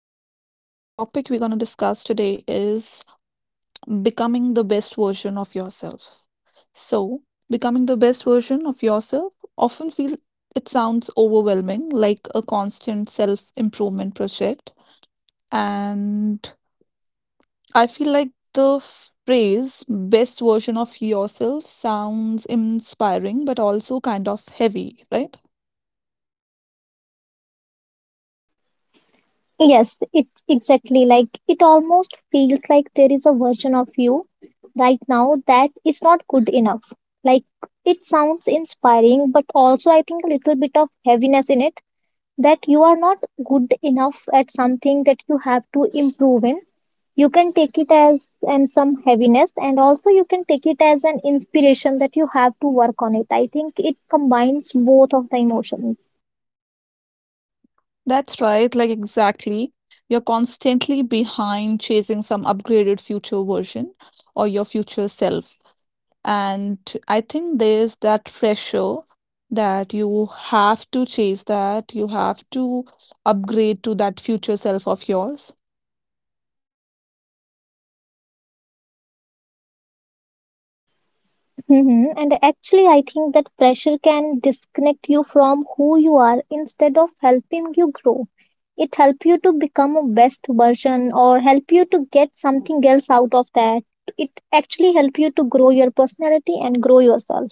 Hello. So, the topic we're going to discuss today is becoming the best version of yourself. So, becoming the best version of yourself often feel it sounds overwhelming, like a constant self-improvement project. And I feel like the phrase best version of yourself sounds inspiring, but also kind of heavy, right? Yes, it's exactly like it almost feels like there is a version of you right now that is not good enough. Like it sounds inspiring, but also I think a little bit of heaviness in it that you are not good enough at something that you have to improve in. You can take it as and some heaviness, and also you can take it as an inspiration that you have to work on it. I think it combines both of the emotions. That's right, like exactly. You're constantly behind chasing some upgraded future version or your future self. And I think there's that pressure that you have to chase that, you have to upgrade to that future self of yours. Hmm. And actually, I think that pressure can disconnect you from who you are instead of helping you grow. It help you to become a best version or help you to get something else out of that. It actually help you to grow your personality and grow yourself.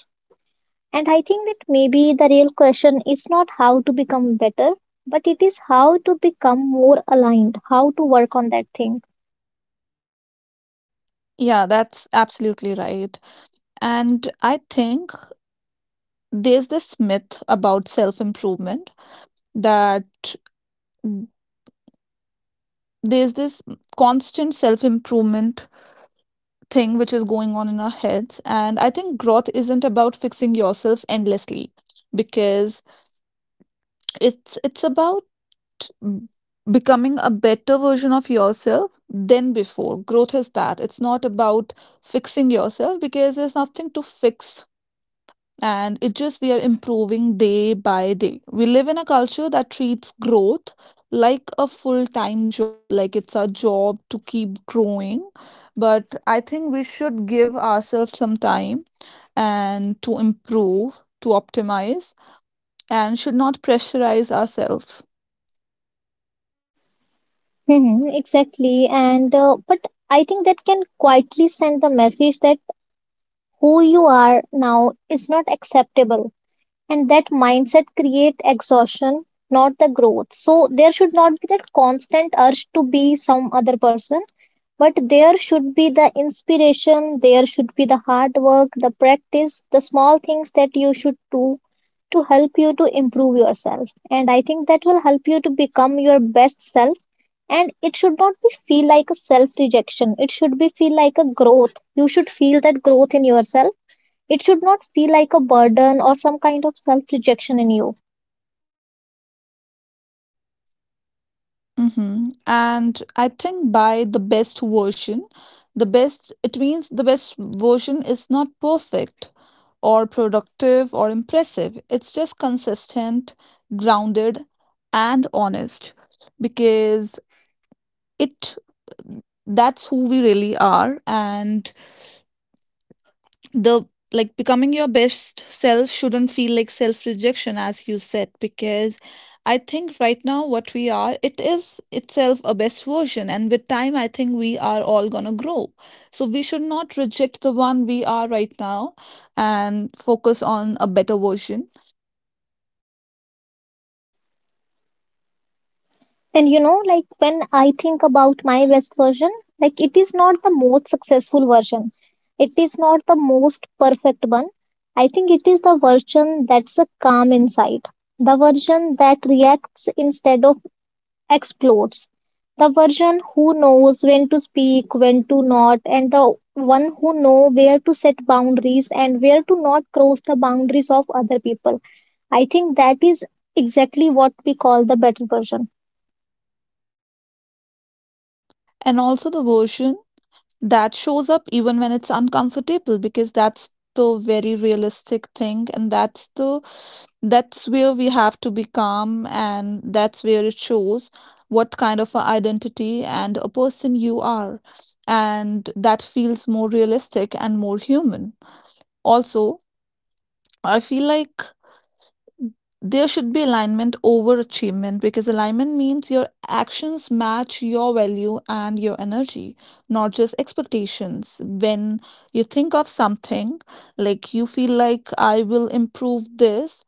And I think that maybe the real question is not how to become better, but it is how to become more aligned, how to work on that thing. Yeah, that's absolutely right. And I think there's this myth about self improvement that there's this constant self improvement thing which is going on in our heads. And I think growth isn't about fixing yourself endlessly because it's about mm, becoming a better version of yourself than before. Growth is that. It's not about fixing yourself because there's nothing to fix. And it just we are improving day by day. We live in a culture that treats growth like a full time job, like it's a job to keep growing. But I think we should give ourselves some time and to improve, to optimize, and should not pressurize ourselves. Hmm. Exactly. And but I think that can quietly send the message that who you are now is not acceptable. And that mindset create exhaustion, not the growth. So there should not be that constant urge to be some other person, but there should be the inspiration, there should be the hard work, the practice, the small things that you should do to help you to improve yourself, and I think that will help you to become your best self. And it should not be feel like a self rejection, it should be feel like a growth. You should feel that growth in yourself. It should not feel like a burden or some kind of self rejection in you. Mhm. And I think by the best version, the best, it means the best version is not perfect or productive or impressive. It's just consistent, grounded, and honest because it that's who we really are. And the like becoming your best self shouldn't feel like self rejection as you said because I think right now what we are it is itself a best version, and with time I think we are all going to grow, so we should not reject the one we are right now and focus on a better version. And you know, like when I think about my best version, like it is not the most successful version, it is not the most perfect one. I think it is the version that's a calm inside, the version that reacts instead of explodes. The version who knows when to speak, when to not, and the one who know where to set boundaries and where to not cross the boundaries of other people. I think that is exactly what we call the better version. And also the version that shows up even when it's uncomfortable, because that's the very realistic thing, and that's the that's where we have to be calm, and that's where it shows what kind of a identity and a person you are, and that feels more realistic and more human. Also, I feel like there should be alignment over achievement because alignment means your actions match your value and your energy, not just expectations. When you think of something, like you feel like I will improve this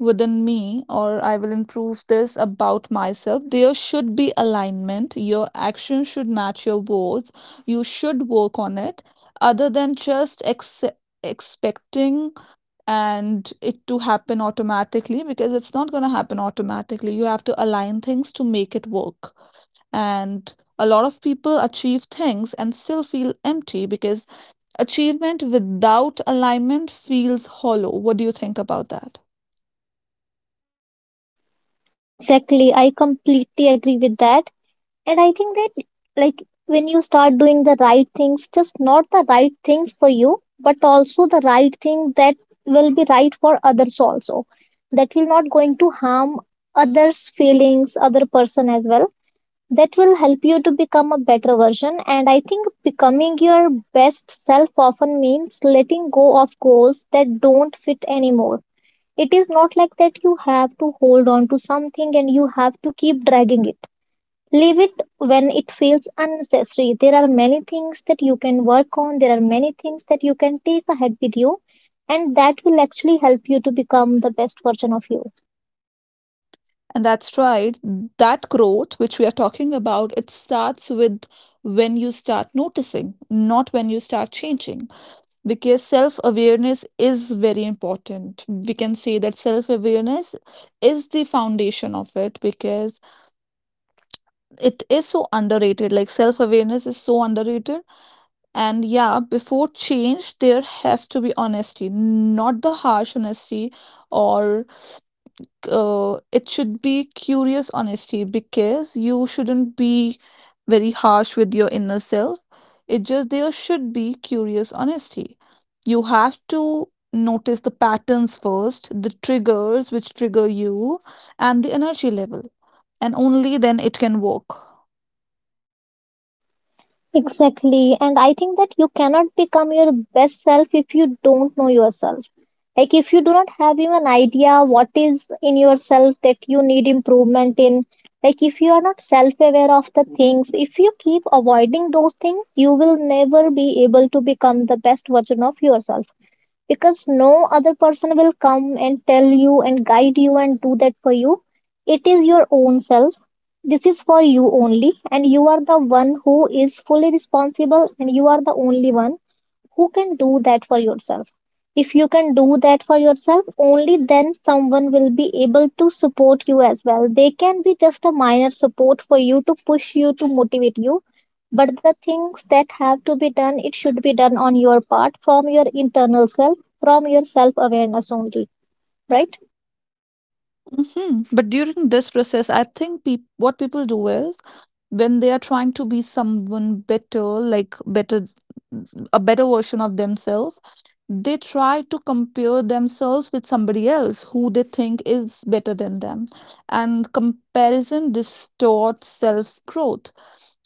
within me or I will improve this about myself, there should be alignment. Your actions should match your words. You should work on it other than just expecting and it to happen automatically, because it's not going to happen automatically. You have to align things to make it work. And a lot of people achieve things and still feel empty because achievement without alignment feels hollow. What do you think about that? Exactly, I completely agree with that. And I think that, like, when you start doing the right things, just not the right things for you, but also the right thing that will be right for others also, that will not going to harm others' feelings, other person as well. That will help you to become a better version. And I think becoming your best self often means letting go of goals that don't fit anymore. It is not like that you have to hold on to something and you have to keep dragging it. Leave it when it feels unnecessary. There are many things that you can work on, there are many things that you can take ahead with you, and that will actually help you to become the best version of you. And that's right. That growth, which we are talking about, it starts with when you start noticing, not when you start changing. Because self awareness is very important. We can say that self awareness is the foundation of it because it is so underrated. Like self awareness is so underrated. And yeah, before change, there has to be honesty, not the harsh honesty or it should be curious honesty because you shouldn't be very harsh with your inner self. It just there should be curious honesty. You have to notice the patterns first, the triggers which trigger you, and the energy level, and only then it can work. Exactly. And I think that you cannot become your best self if you don't know yourself. Like if you do not have even idea what is in yourself that you need improvement in, like if you are not self-aware of the things, if you keep avoiding those things, you will never be able to become the best version of yourself, because no other person will come and tell you and guide you and do that for you. It is your own self. This is for you only, and you are the one who is fully responsible, and you are the only one who can do that for yourself? If you can do that for yourself, only then someone will be able to support you as well. They can be just a minor support for you to push you, to motivate you. But the things that have to be done, it should be done on your part from your internal self, from your self awareness only, right? Mhm. But during this process, I think peop what people do is when they are trying to be someone better, like better, a better version of themselves, they try to compare themselves with somebody else who they think is better than them. And comparison distorts self growth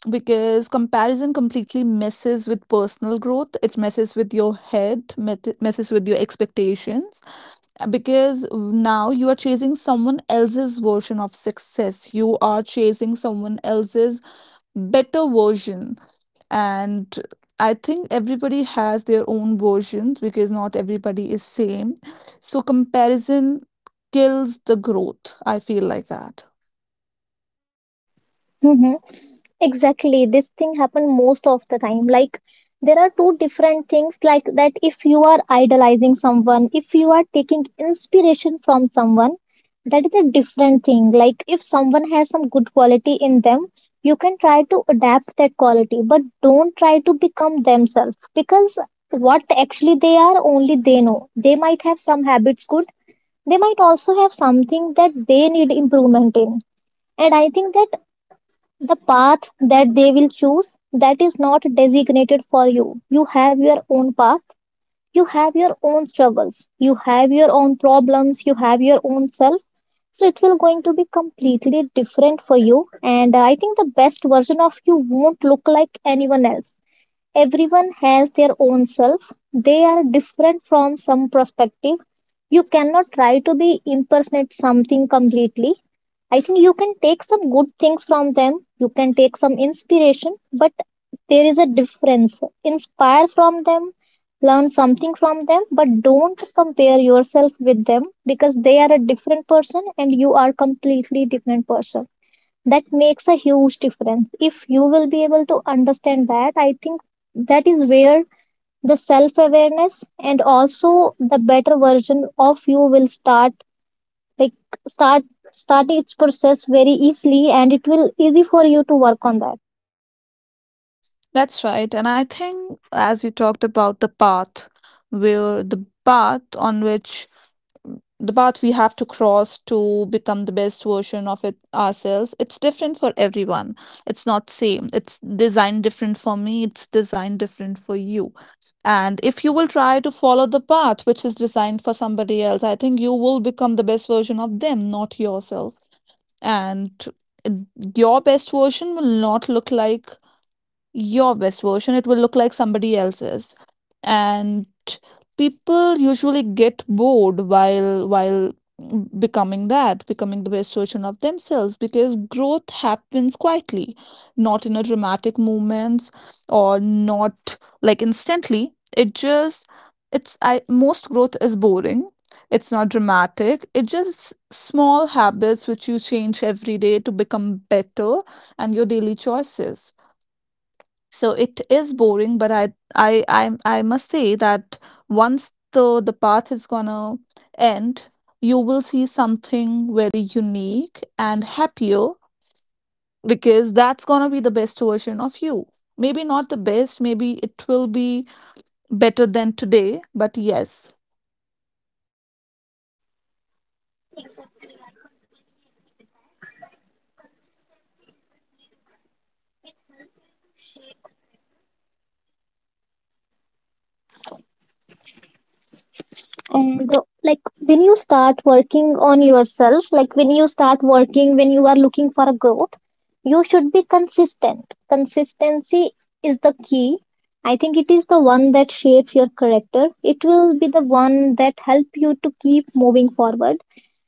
because comparison completely messes with personal growth. It messes with your head, messes with your expectations because now you are chasing someone else's version of success. You are chasing someone else's better version. And I think everybody has their own versions because not everybody is same. So comparison kills the growth. I feel like that. Mm-hmm. Exactly, this thing happen most of the time. Like there are two different things like that if you are idolizing someone, if you are taking inspiration from someone, that is a different thing. Like if someone has some good quality in them, you can try to adapt that quality, but don't try to become themselves because what actually they are only they know. They might have some habits good, they might also have something that they need improvement in. And I think that the path that they will choose, that is not designated for you. You have your own path, you have your own struggles, you have your own problems, you have your own self. So it will going to be completely different for you. And I think the best version of you won't look like anyone else. Everyone has their own self. They are different from some perspective. You cannot try to be impersonate something completely. I think you can take some good things from them. You can take some inspiration, but there is a difference. Inspire from them, learn something from them, but don't compare yourself with them because they are a different person and you are completely different person. That makes a huge difference. If you will be able to understand that, I think that is where the self awareness and also the better version of you will start, like start start its process very easily and it will easy for you to work on that. That's right. And I think, as you talked about the path, where the path on which the path we have to cross to become the best version of it ourselves, it's different for everyone. It's not same. It's designed different for me, it's designed different for you. And if you will try to follow the path which is designed for somebody else, I think you will become the best version of them, not yourself. And it- your best version will not look like your best version, it will look like somebody else's. And people usually get bored while becoming the best version of themselves because growth happens quietly, not in a dramatic moments or not like instantly. It just it's I most growth is boring. It's not dramatic. It just small habits which you change every day to become better, and your daily choices. So it is boring, but I I must say that once the path is gonna end, you will see something very unique and happier because that's gonna be the best version of you. Maybe not the best, maybe it will be better than today, but yes, And like when you start working on yourself, like when you start working when you are looking for a growth, you should be consistent. Consistency is the key. I think it is the one that shapes your character. It will be the one that help you to keep moving forward.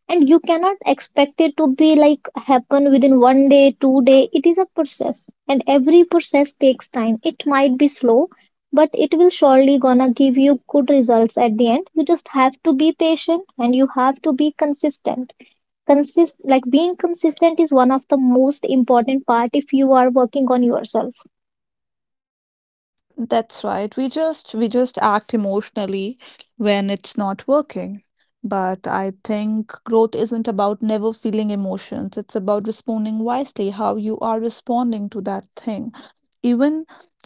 And you cannot expect it to be like happen within one day two day. It is a process and every process takes time. It might be slow, but it will surely gonna give you good results at the end. You just have to be patient and you have to be consistent. Consist Like being consistent is one of the most important part if you are working on yourself. that's right. We just act emotionally when it's not working. But I think growth isn't about never feeling emotions. It's about responding wisely, how you are responding to that thing. Even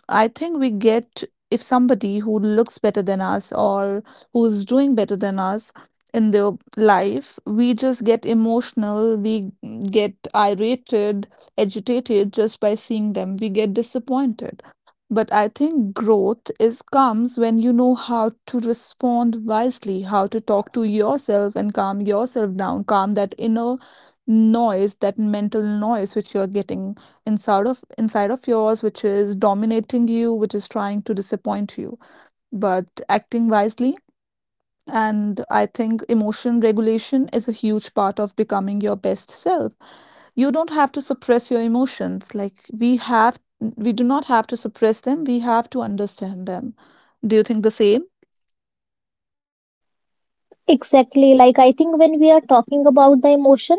I think we get if somebody who looks better than us or who's doing better than us in their life, we just get emotional, we get irritated, agitated just by seeing them. We get disappointed. But I think growth is comes when you know how to respond wisely, how to talk to yourself and calm yourself down, calm that inner noise, that mental noise which you're getting inside of yours, which is dominating you, which is trying to disappoint you. But acting wisely, and I think emotion regulation is a huge part of becoming your best self. You don't have to suppress your emotions. Like we have, we do not have to suppress them, we have to understand them. Do you think the same? Exactly, like I think when we are talking about the emotion,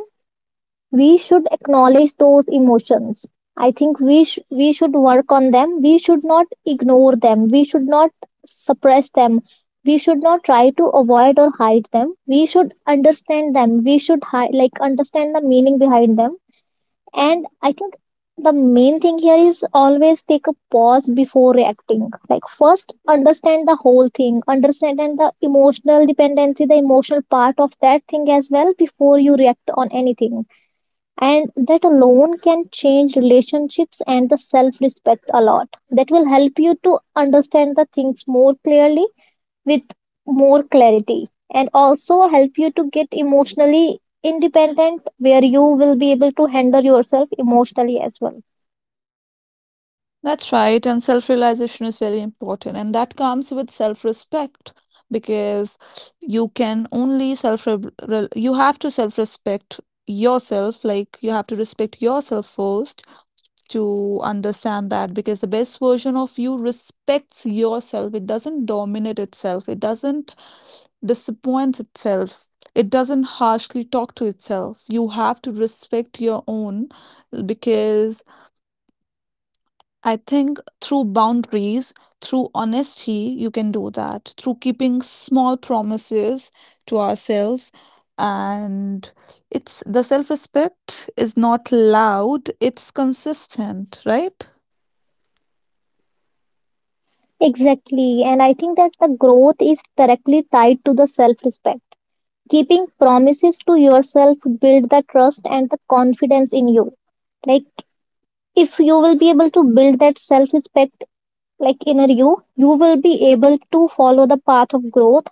we should acknowledge those emotions. I think we should work on them. We should not ignore them. We should not suppress them. We should not try to avoid or hide them. We should understand them. Like understand the meaning behind them. And I think the main thing here is always take a pause before reacting. Like first understand the whole thing, understand the emotional dependency, the emotional part of that thing as well before you react on anything. And that alone can change relationships and the self respect a lot. That will help you to understand the things more clearly, with more clarity, and also help you to get emotionally independent where you will be able to handle yourself emotionally as well. That's right. And self realization is very important. And that comes with self respect because you can only self, you have to self respect yourself. Like you have to respect yourself first to understand that because the best version of you respects yourself. It doesn't dominate itself. It doesn't disappoint itself. It doesn't harshly talk to itself. You have to respect your own because I think through boundaries, through honesty, you can do that. Through keeping small promises to ourselves, and it's the self respect is not loud, it's consistent, right? Exactly, and I think that the growth is directly tied to the self respect. Keeping promises to yourself build the trust and the confidence in you. Like if you will be able to build that self respect, like inner you, you will be able to follow the path of growth,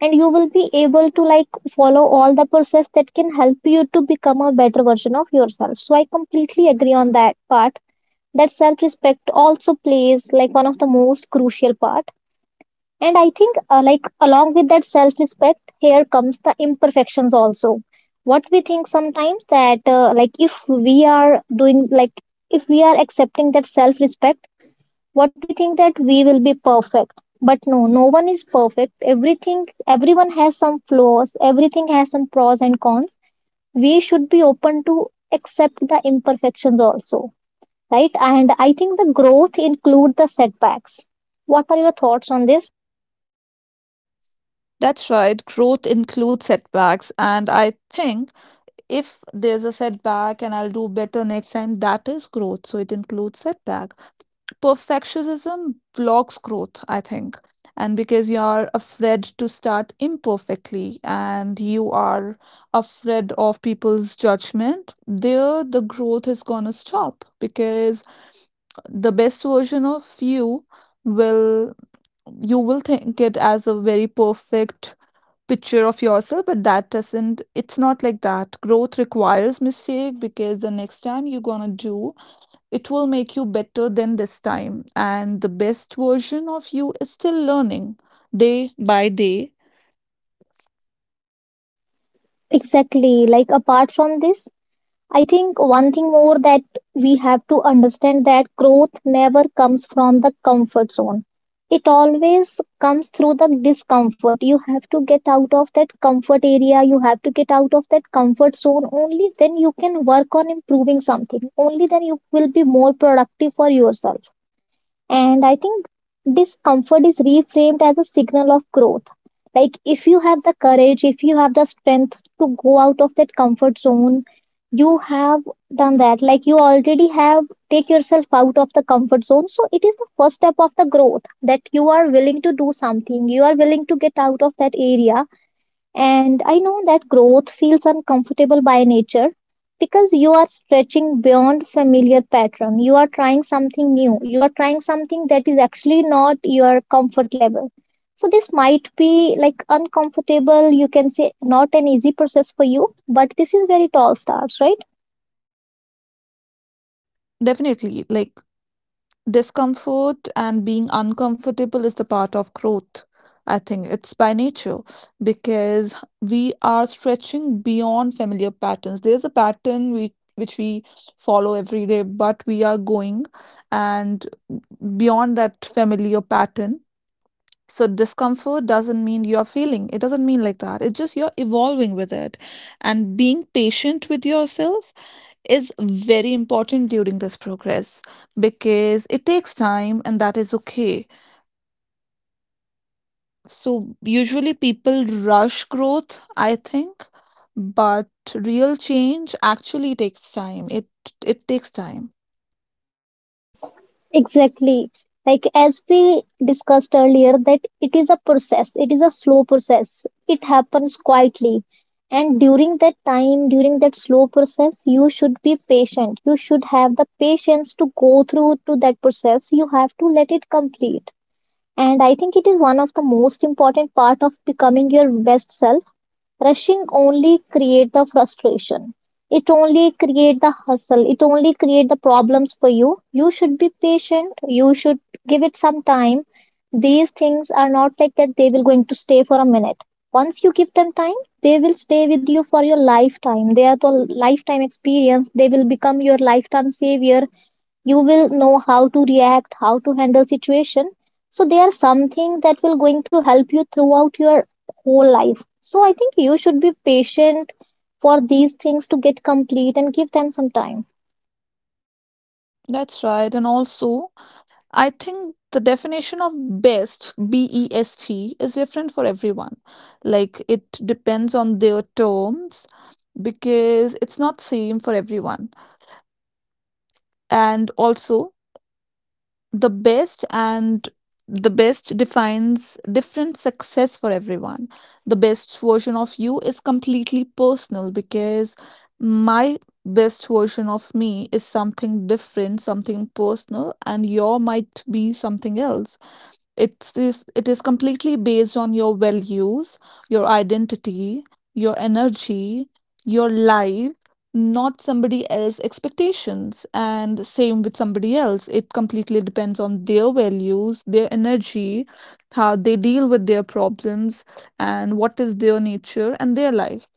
and you will be able to like follow all the process that can help you to become a better version of yourself. So I completely agree on that part, that self respect also plays like one of the most crucial part. And I think like along with that self respect here comes the imperfections also. What we think sometimes that like if we are doing like if we are accepting that self respect, what we think that we will be perfect, but no, no one is perfect. Everything Everyone has some flaws, everything has some pros and cons. We should be open to accept the imperfections also, right? And I think the growth include the setbacks. What are your thoughts on this? That's right, growth includes setbacks. And I think if there's a setback and I'll do better next time, that is growth. So it includes setback. Perfectionism blocks growth, I think. And because you're afraid to start imperfectly and you are afraid of people's judgment, there the growth is going to stop because the best version of will you will think it as a very perfect picture of yourself, but that doesn't it's not like that. Growth requires mistake because the next time you're gonna do, it will make you better than this time, and the best version of you is still learning day by day. Exactly. Like apart from this, I think one thing more, that we have to understand that growth never comes from the comfort zone. It always comes through the discomfort. You have to get out of that comfort area. You have to get out of that comfort zone. Only then you can work on improving something. Only then you will be more productive for yourself. And I think discomfort is reframed as a signal of growth. Like, if you have the courage, if you have the strength to go out of that comfort zone, you have done that. Like, you already have take yourself out of the comfort zone. So, it is the first step of the growth that you are willing to do something, you are willing to get out of that area. And I know that growth feels uncomfortable by nature because you are stretching beyond familiar pattern. You are trying something new. You are trying something that is actually not your comfort level. So this might be like uncomfortable, you can say not an easy process for you, but this is where it all starts, right? Definitely, like discomfort and being uncomfortable is the part of growth. I think it's by nature because we are stretching beyond familiar patterns. There's a pattern we which we follow every day, but we are going and beyond that familiar pattern. So discomfort doesn't mean you're failing. It doesn't mean like that. It's just you're evolving with it. And being patient with yourself is very important during this progress because it takes time and that is okay. So, usually people rush growth, I think, but real change actually takes time. It takes time. Exactly. Like as we discussed earlier, that it is a process, it is a slow process, it happens quietly. And during that time, during that slow process, you should be patient. You should have the patience to go through to that process. You have to let it complete. And I think it is one of the most important part of becoming your best self. Rushing only create the frustration. It only create the hustle. It only create the problems for you. You should be patient. You should give it some time. These things are not like that they will going to stay for a minute. Once you give them time, they will stay with you for your lifetime. They are the lifetime experience. They will become your lifetime savior. You will know how to react, how to handle situation, so they are something that will going to help you throughout your whole life. So I think you should be patient for these things to get complete and give them some time. That's right. And also, I think the definition of best, best, is different for everyone. Like it depends on their terms because it's not same for everyone. And also, the best and the best defines different success for everyone. The best version of you is completely personal because my best version of me is something different, something personal, and your might be something else. It's it is completely based on your values, your identity, your energy, your life, not somebody else's expectations. And same with somebody else. It completely depends on their values, their energy, how they deal with their problems, and what is their nature and their life.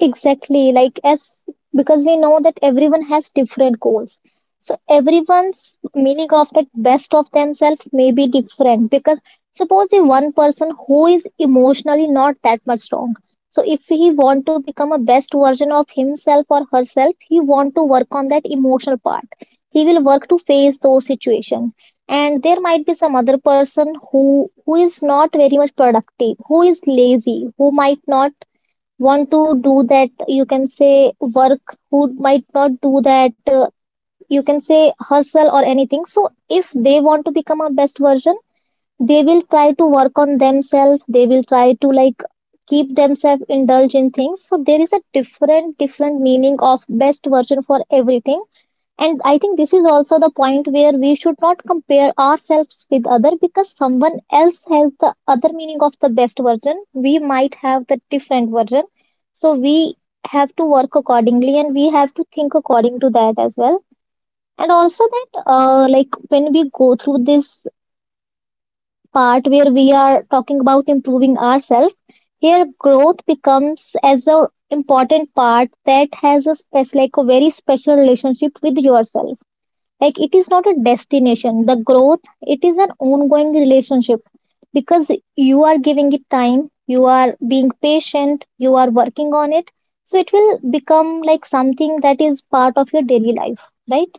Exactly, like as, because we know that everyone has different goals. So everyone's meaning of that best of themselves may be different because suppose the one person who is emotionally not that much strong. So if he want to become a best version of himself or herself, he want to work on that emotional part. He will work to face those situation. And there might be some other person who is not very much productive, who is lazy, who might not want to do that, you can say, work, who might not do that, you can say, hustle or anything. So if they want to become a best version, they will try to work on themselves, they will try to like keep themselves indulge in things. So there is a different different meaning of best version for everything. And I think this is also the point where we should not compare ourselves with other, because someone else has the other meaning of the best version. We might have the different version. So we have to work accordingly and we have to think according to that as well. And also that, like when we go through this part where we are talking about improving ourselves, here growth becomes as a important part that has a spec, like a very special relationship with yourself. Like it is not a destination, the growth, it is an ongoing relationship, because you are giving it time, you are being patient, you are working on it. So it will become like something that is part of your daily life, right?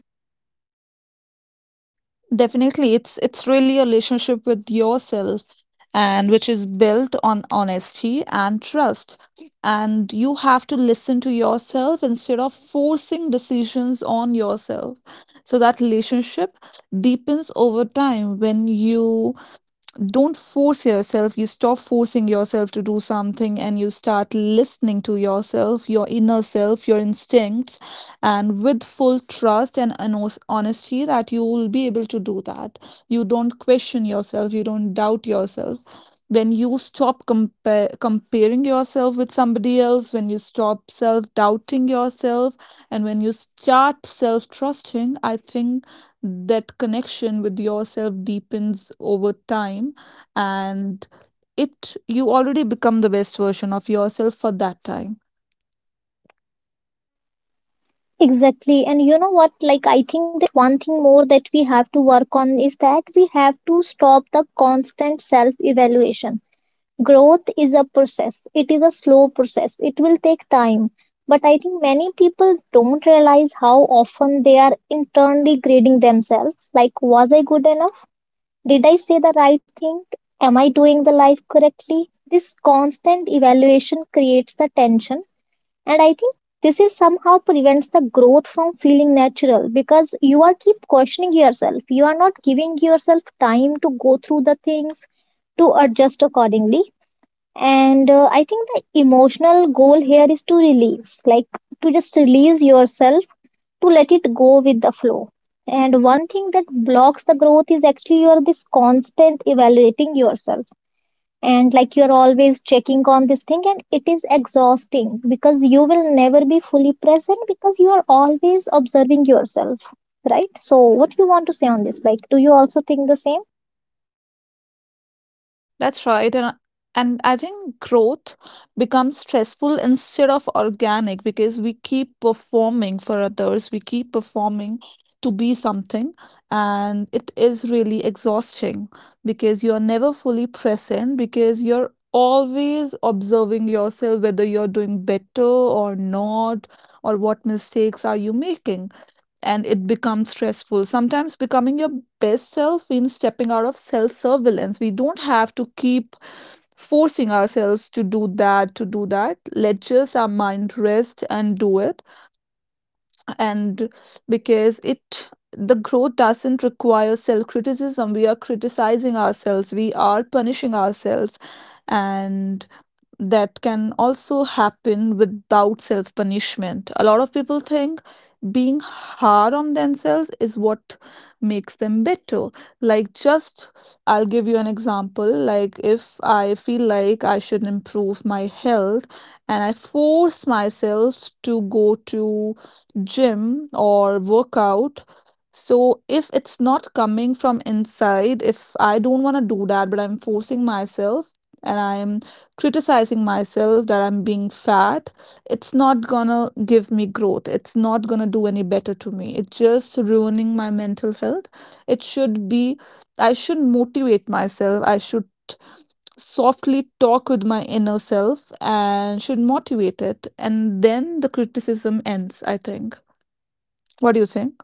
Definitely, it's really a relationship with yourself and which is built on honesty and trust. And you have to listen to yourself instead of forcing decisions on yourself. So that relationship deepens over time when you don't force yourself. You stop forcing yourself to do something and you start listening to yourself, your inner self, your instincts, and with full trust and honesty that you will be able to do that. You don't question yourself, you don't doubt yourself. When you stop comparing yourself with somebody else, when you stop self doubting yourself, and when you start self trusting, I think that connection with yourself deepens over time and it you already become the best version of yourself for that time. Exactly. And you know what, like I think that one thing more that we have to work on is that we have to stop the constant self evaluation. Growth is a process, it is a slow process, it will take time. But I think many people don't realize how often they are internally grading themselves. Like, was I good enough? Did I say the right thing? Am I doing the life correctly? This constant evaluation creates the tension. And I think this is somehow prevents the growth from feeling natural, because you are keep questioning yourself, you are not giving yourself time to go through the things, to adjust accordingly. And I think the emotional goal here is to release, like to just release yourself, to let it go with the flow. And one thing that blocks the growth is actually you're this constant evaluating yourself. And like you're always checking on this thing, and it is exhausting because you will never be fully present because you are always observing yourself, right? So, what do you want to say on this? Like, do you also think the same? That's right. And I think growth becomes stressful instead of organic because we keep performing for others, we keep performing to be something. And it is really exhausting because you're never fully present, because you're always observing yourself whether you're doing better or not, or what mistakes are you making, and it becomes stressful. Sometimes becoming your best self means stepping out of self surveillance. We don't have to keep forcing ourselves to do that, to do that. Let just our mind rest and do it. And because it the growth doesn't require self criticism. We are criticizing ourselves, we are punishing ourselves. And that can also happen without self punishment. A lot of people think being hard on themselves is what makes them better. Like, just I'll give you an example. Like, if I feel like I should improve my health and I force myself to go to gym or workout. So if it's not coming from inside, if I don't want to do that, but I'm forcing myself and I'm criticizing myself that I'm being fat, it's not gonna give me growth. It's not gonna do any better to me. It's just ruining my mental health. It should be, I should motivate myself. I should softly talk with my inner self and should motivate it. And then the criticism ends, I think. What do you think?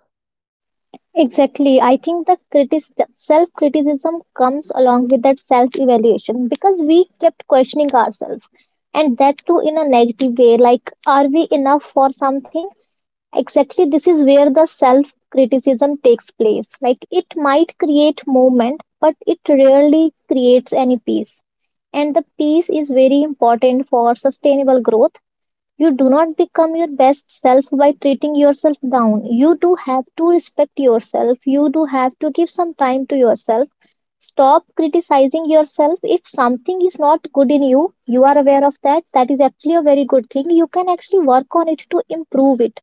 Exactly. I think the critic, self criticism comes along with that self evaluation because we kept questioning ourselves, and that too in a negative way, like, are we enough for something? Exactly. This is where the self criticism takes place. Like it might create movement, but it rarely creates any peace. And the peace is very important for sustainable growth. You do not become your best self by treating yourself down. You do have to respect yourself. You do have to give some time to yourself. Stop criticizing yourself. If something is not good in you, you are aware of that. That is actually a very good thing. You can actually work on it to improve it.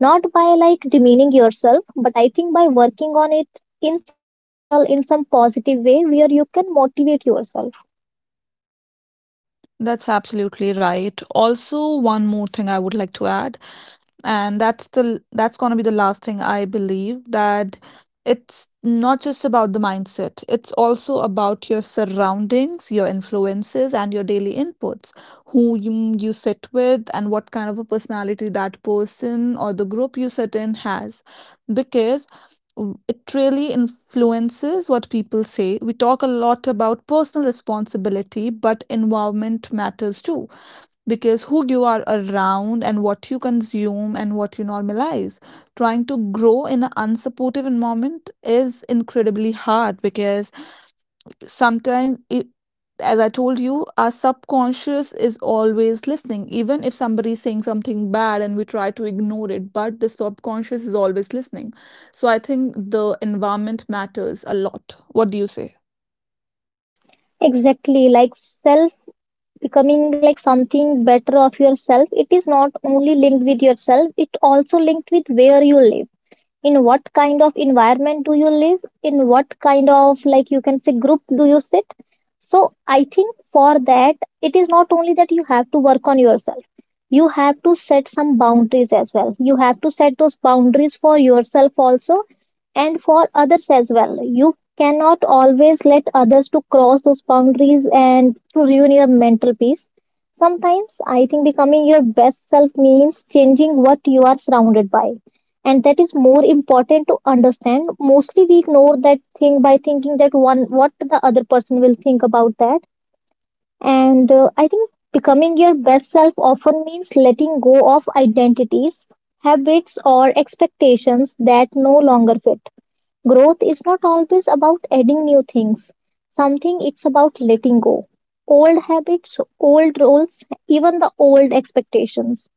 Not by like demeaning yourself, but I think by working on it in some natural, in some positive way where you can motivate yourself. That's absolutely right. Also, one more thing I would like to add, and that's going to be the last thing. I believe that it's not just about the mindset, it's also about your surroundings, your influences, and your daily inputs, who you sit with and what kind of a personality that person or the group you sit in has, because it really influences. What people say, we talk a lot about personal responsibility, but environment matters too, because who you are around and what you consume and what you normalize. Trying to grow in an unsupportive environment is incredibly hard because sometimes it, as I told you, our subconscious is always listening. Even if somebody is saying something bad and we try to ignore it, but the subconscious is always listening. So I think the environment matters a lot. What do you say? Exactly, like self, becoming like something better of yourself, it is not only linked with yourself, it also linked with where you live, in what kind of environment do you live, in what kind of, like you can say, group do you sit. So I think for that it is not only that you have to work on yourself, you have to set some boundaries as well. You have to set those boundaries for yourself also, and for others as well. You cannot always let others to cross those boundaries and to ruin your mental peace. Sometimes I think becoming your best self means changing what you are surrounded by, and that is more important to understand. Mostly we ignore that thing by thinking that one, what the other person will think about that. And I think becoming your best self often means letting go of identities, habits or expectations that no longer fit. Growth is not always about adding new things. Something it's about letting go. Old habits, old roles, even the old expectations.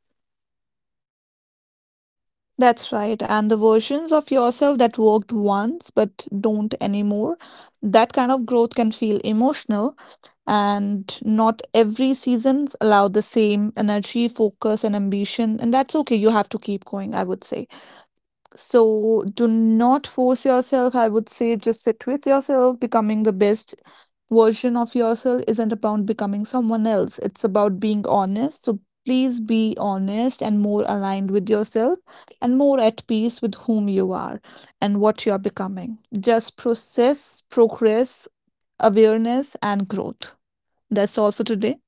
That's right. And the versions of yourself that worked once but don't anymore, that kind of growth can feel emotional. And not every seasons allow the same energy, focus, and ambition. And that's okay. You have to keep going, I would say. So do not force yourself. I would say just sit with yourself. Becoming the best version of yourself isn't about becoming someone else. It's about being honest. So please be honest and more aligned with yourself and more at peace with whom you are and what you are becoming. Just process, progress, awareness, and growth. That's all for today.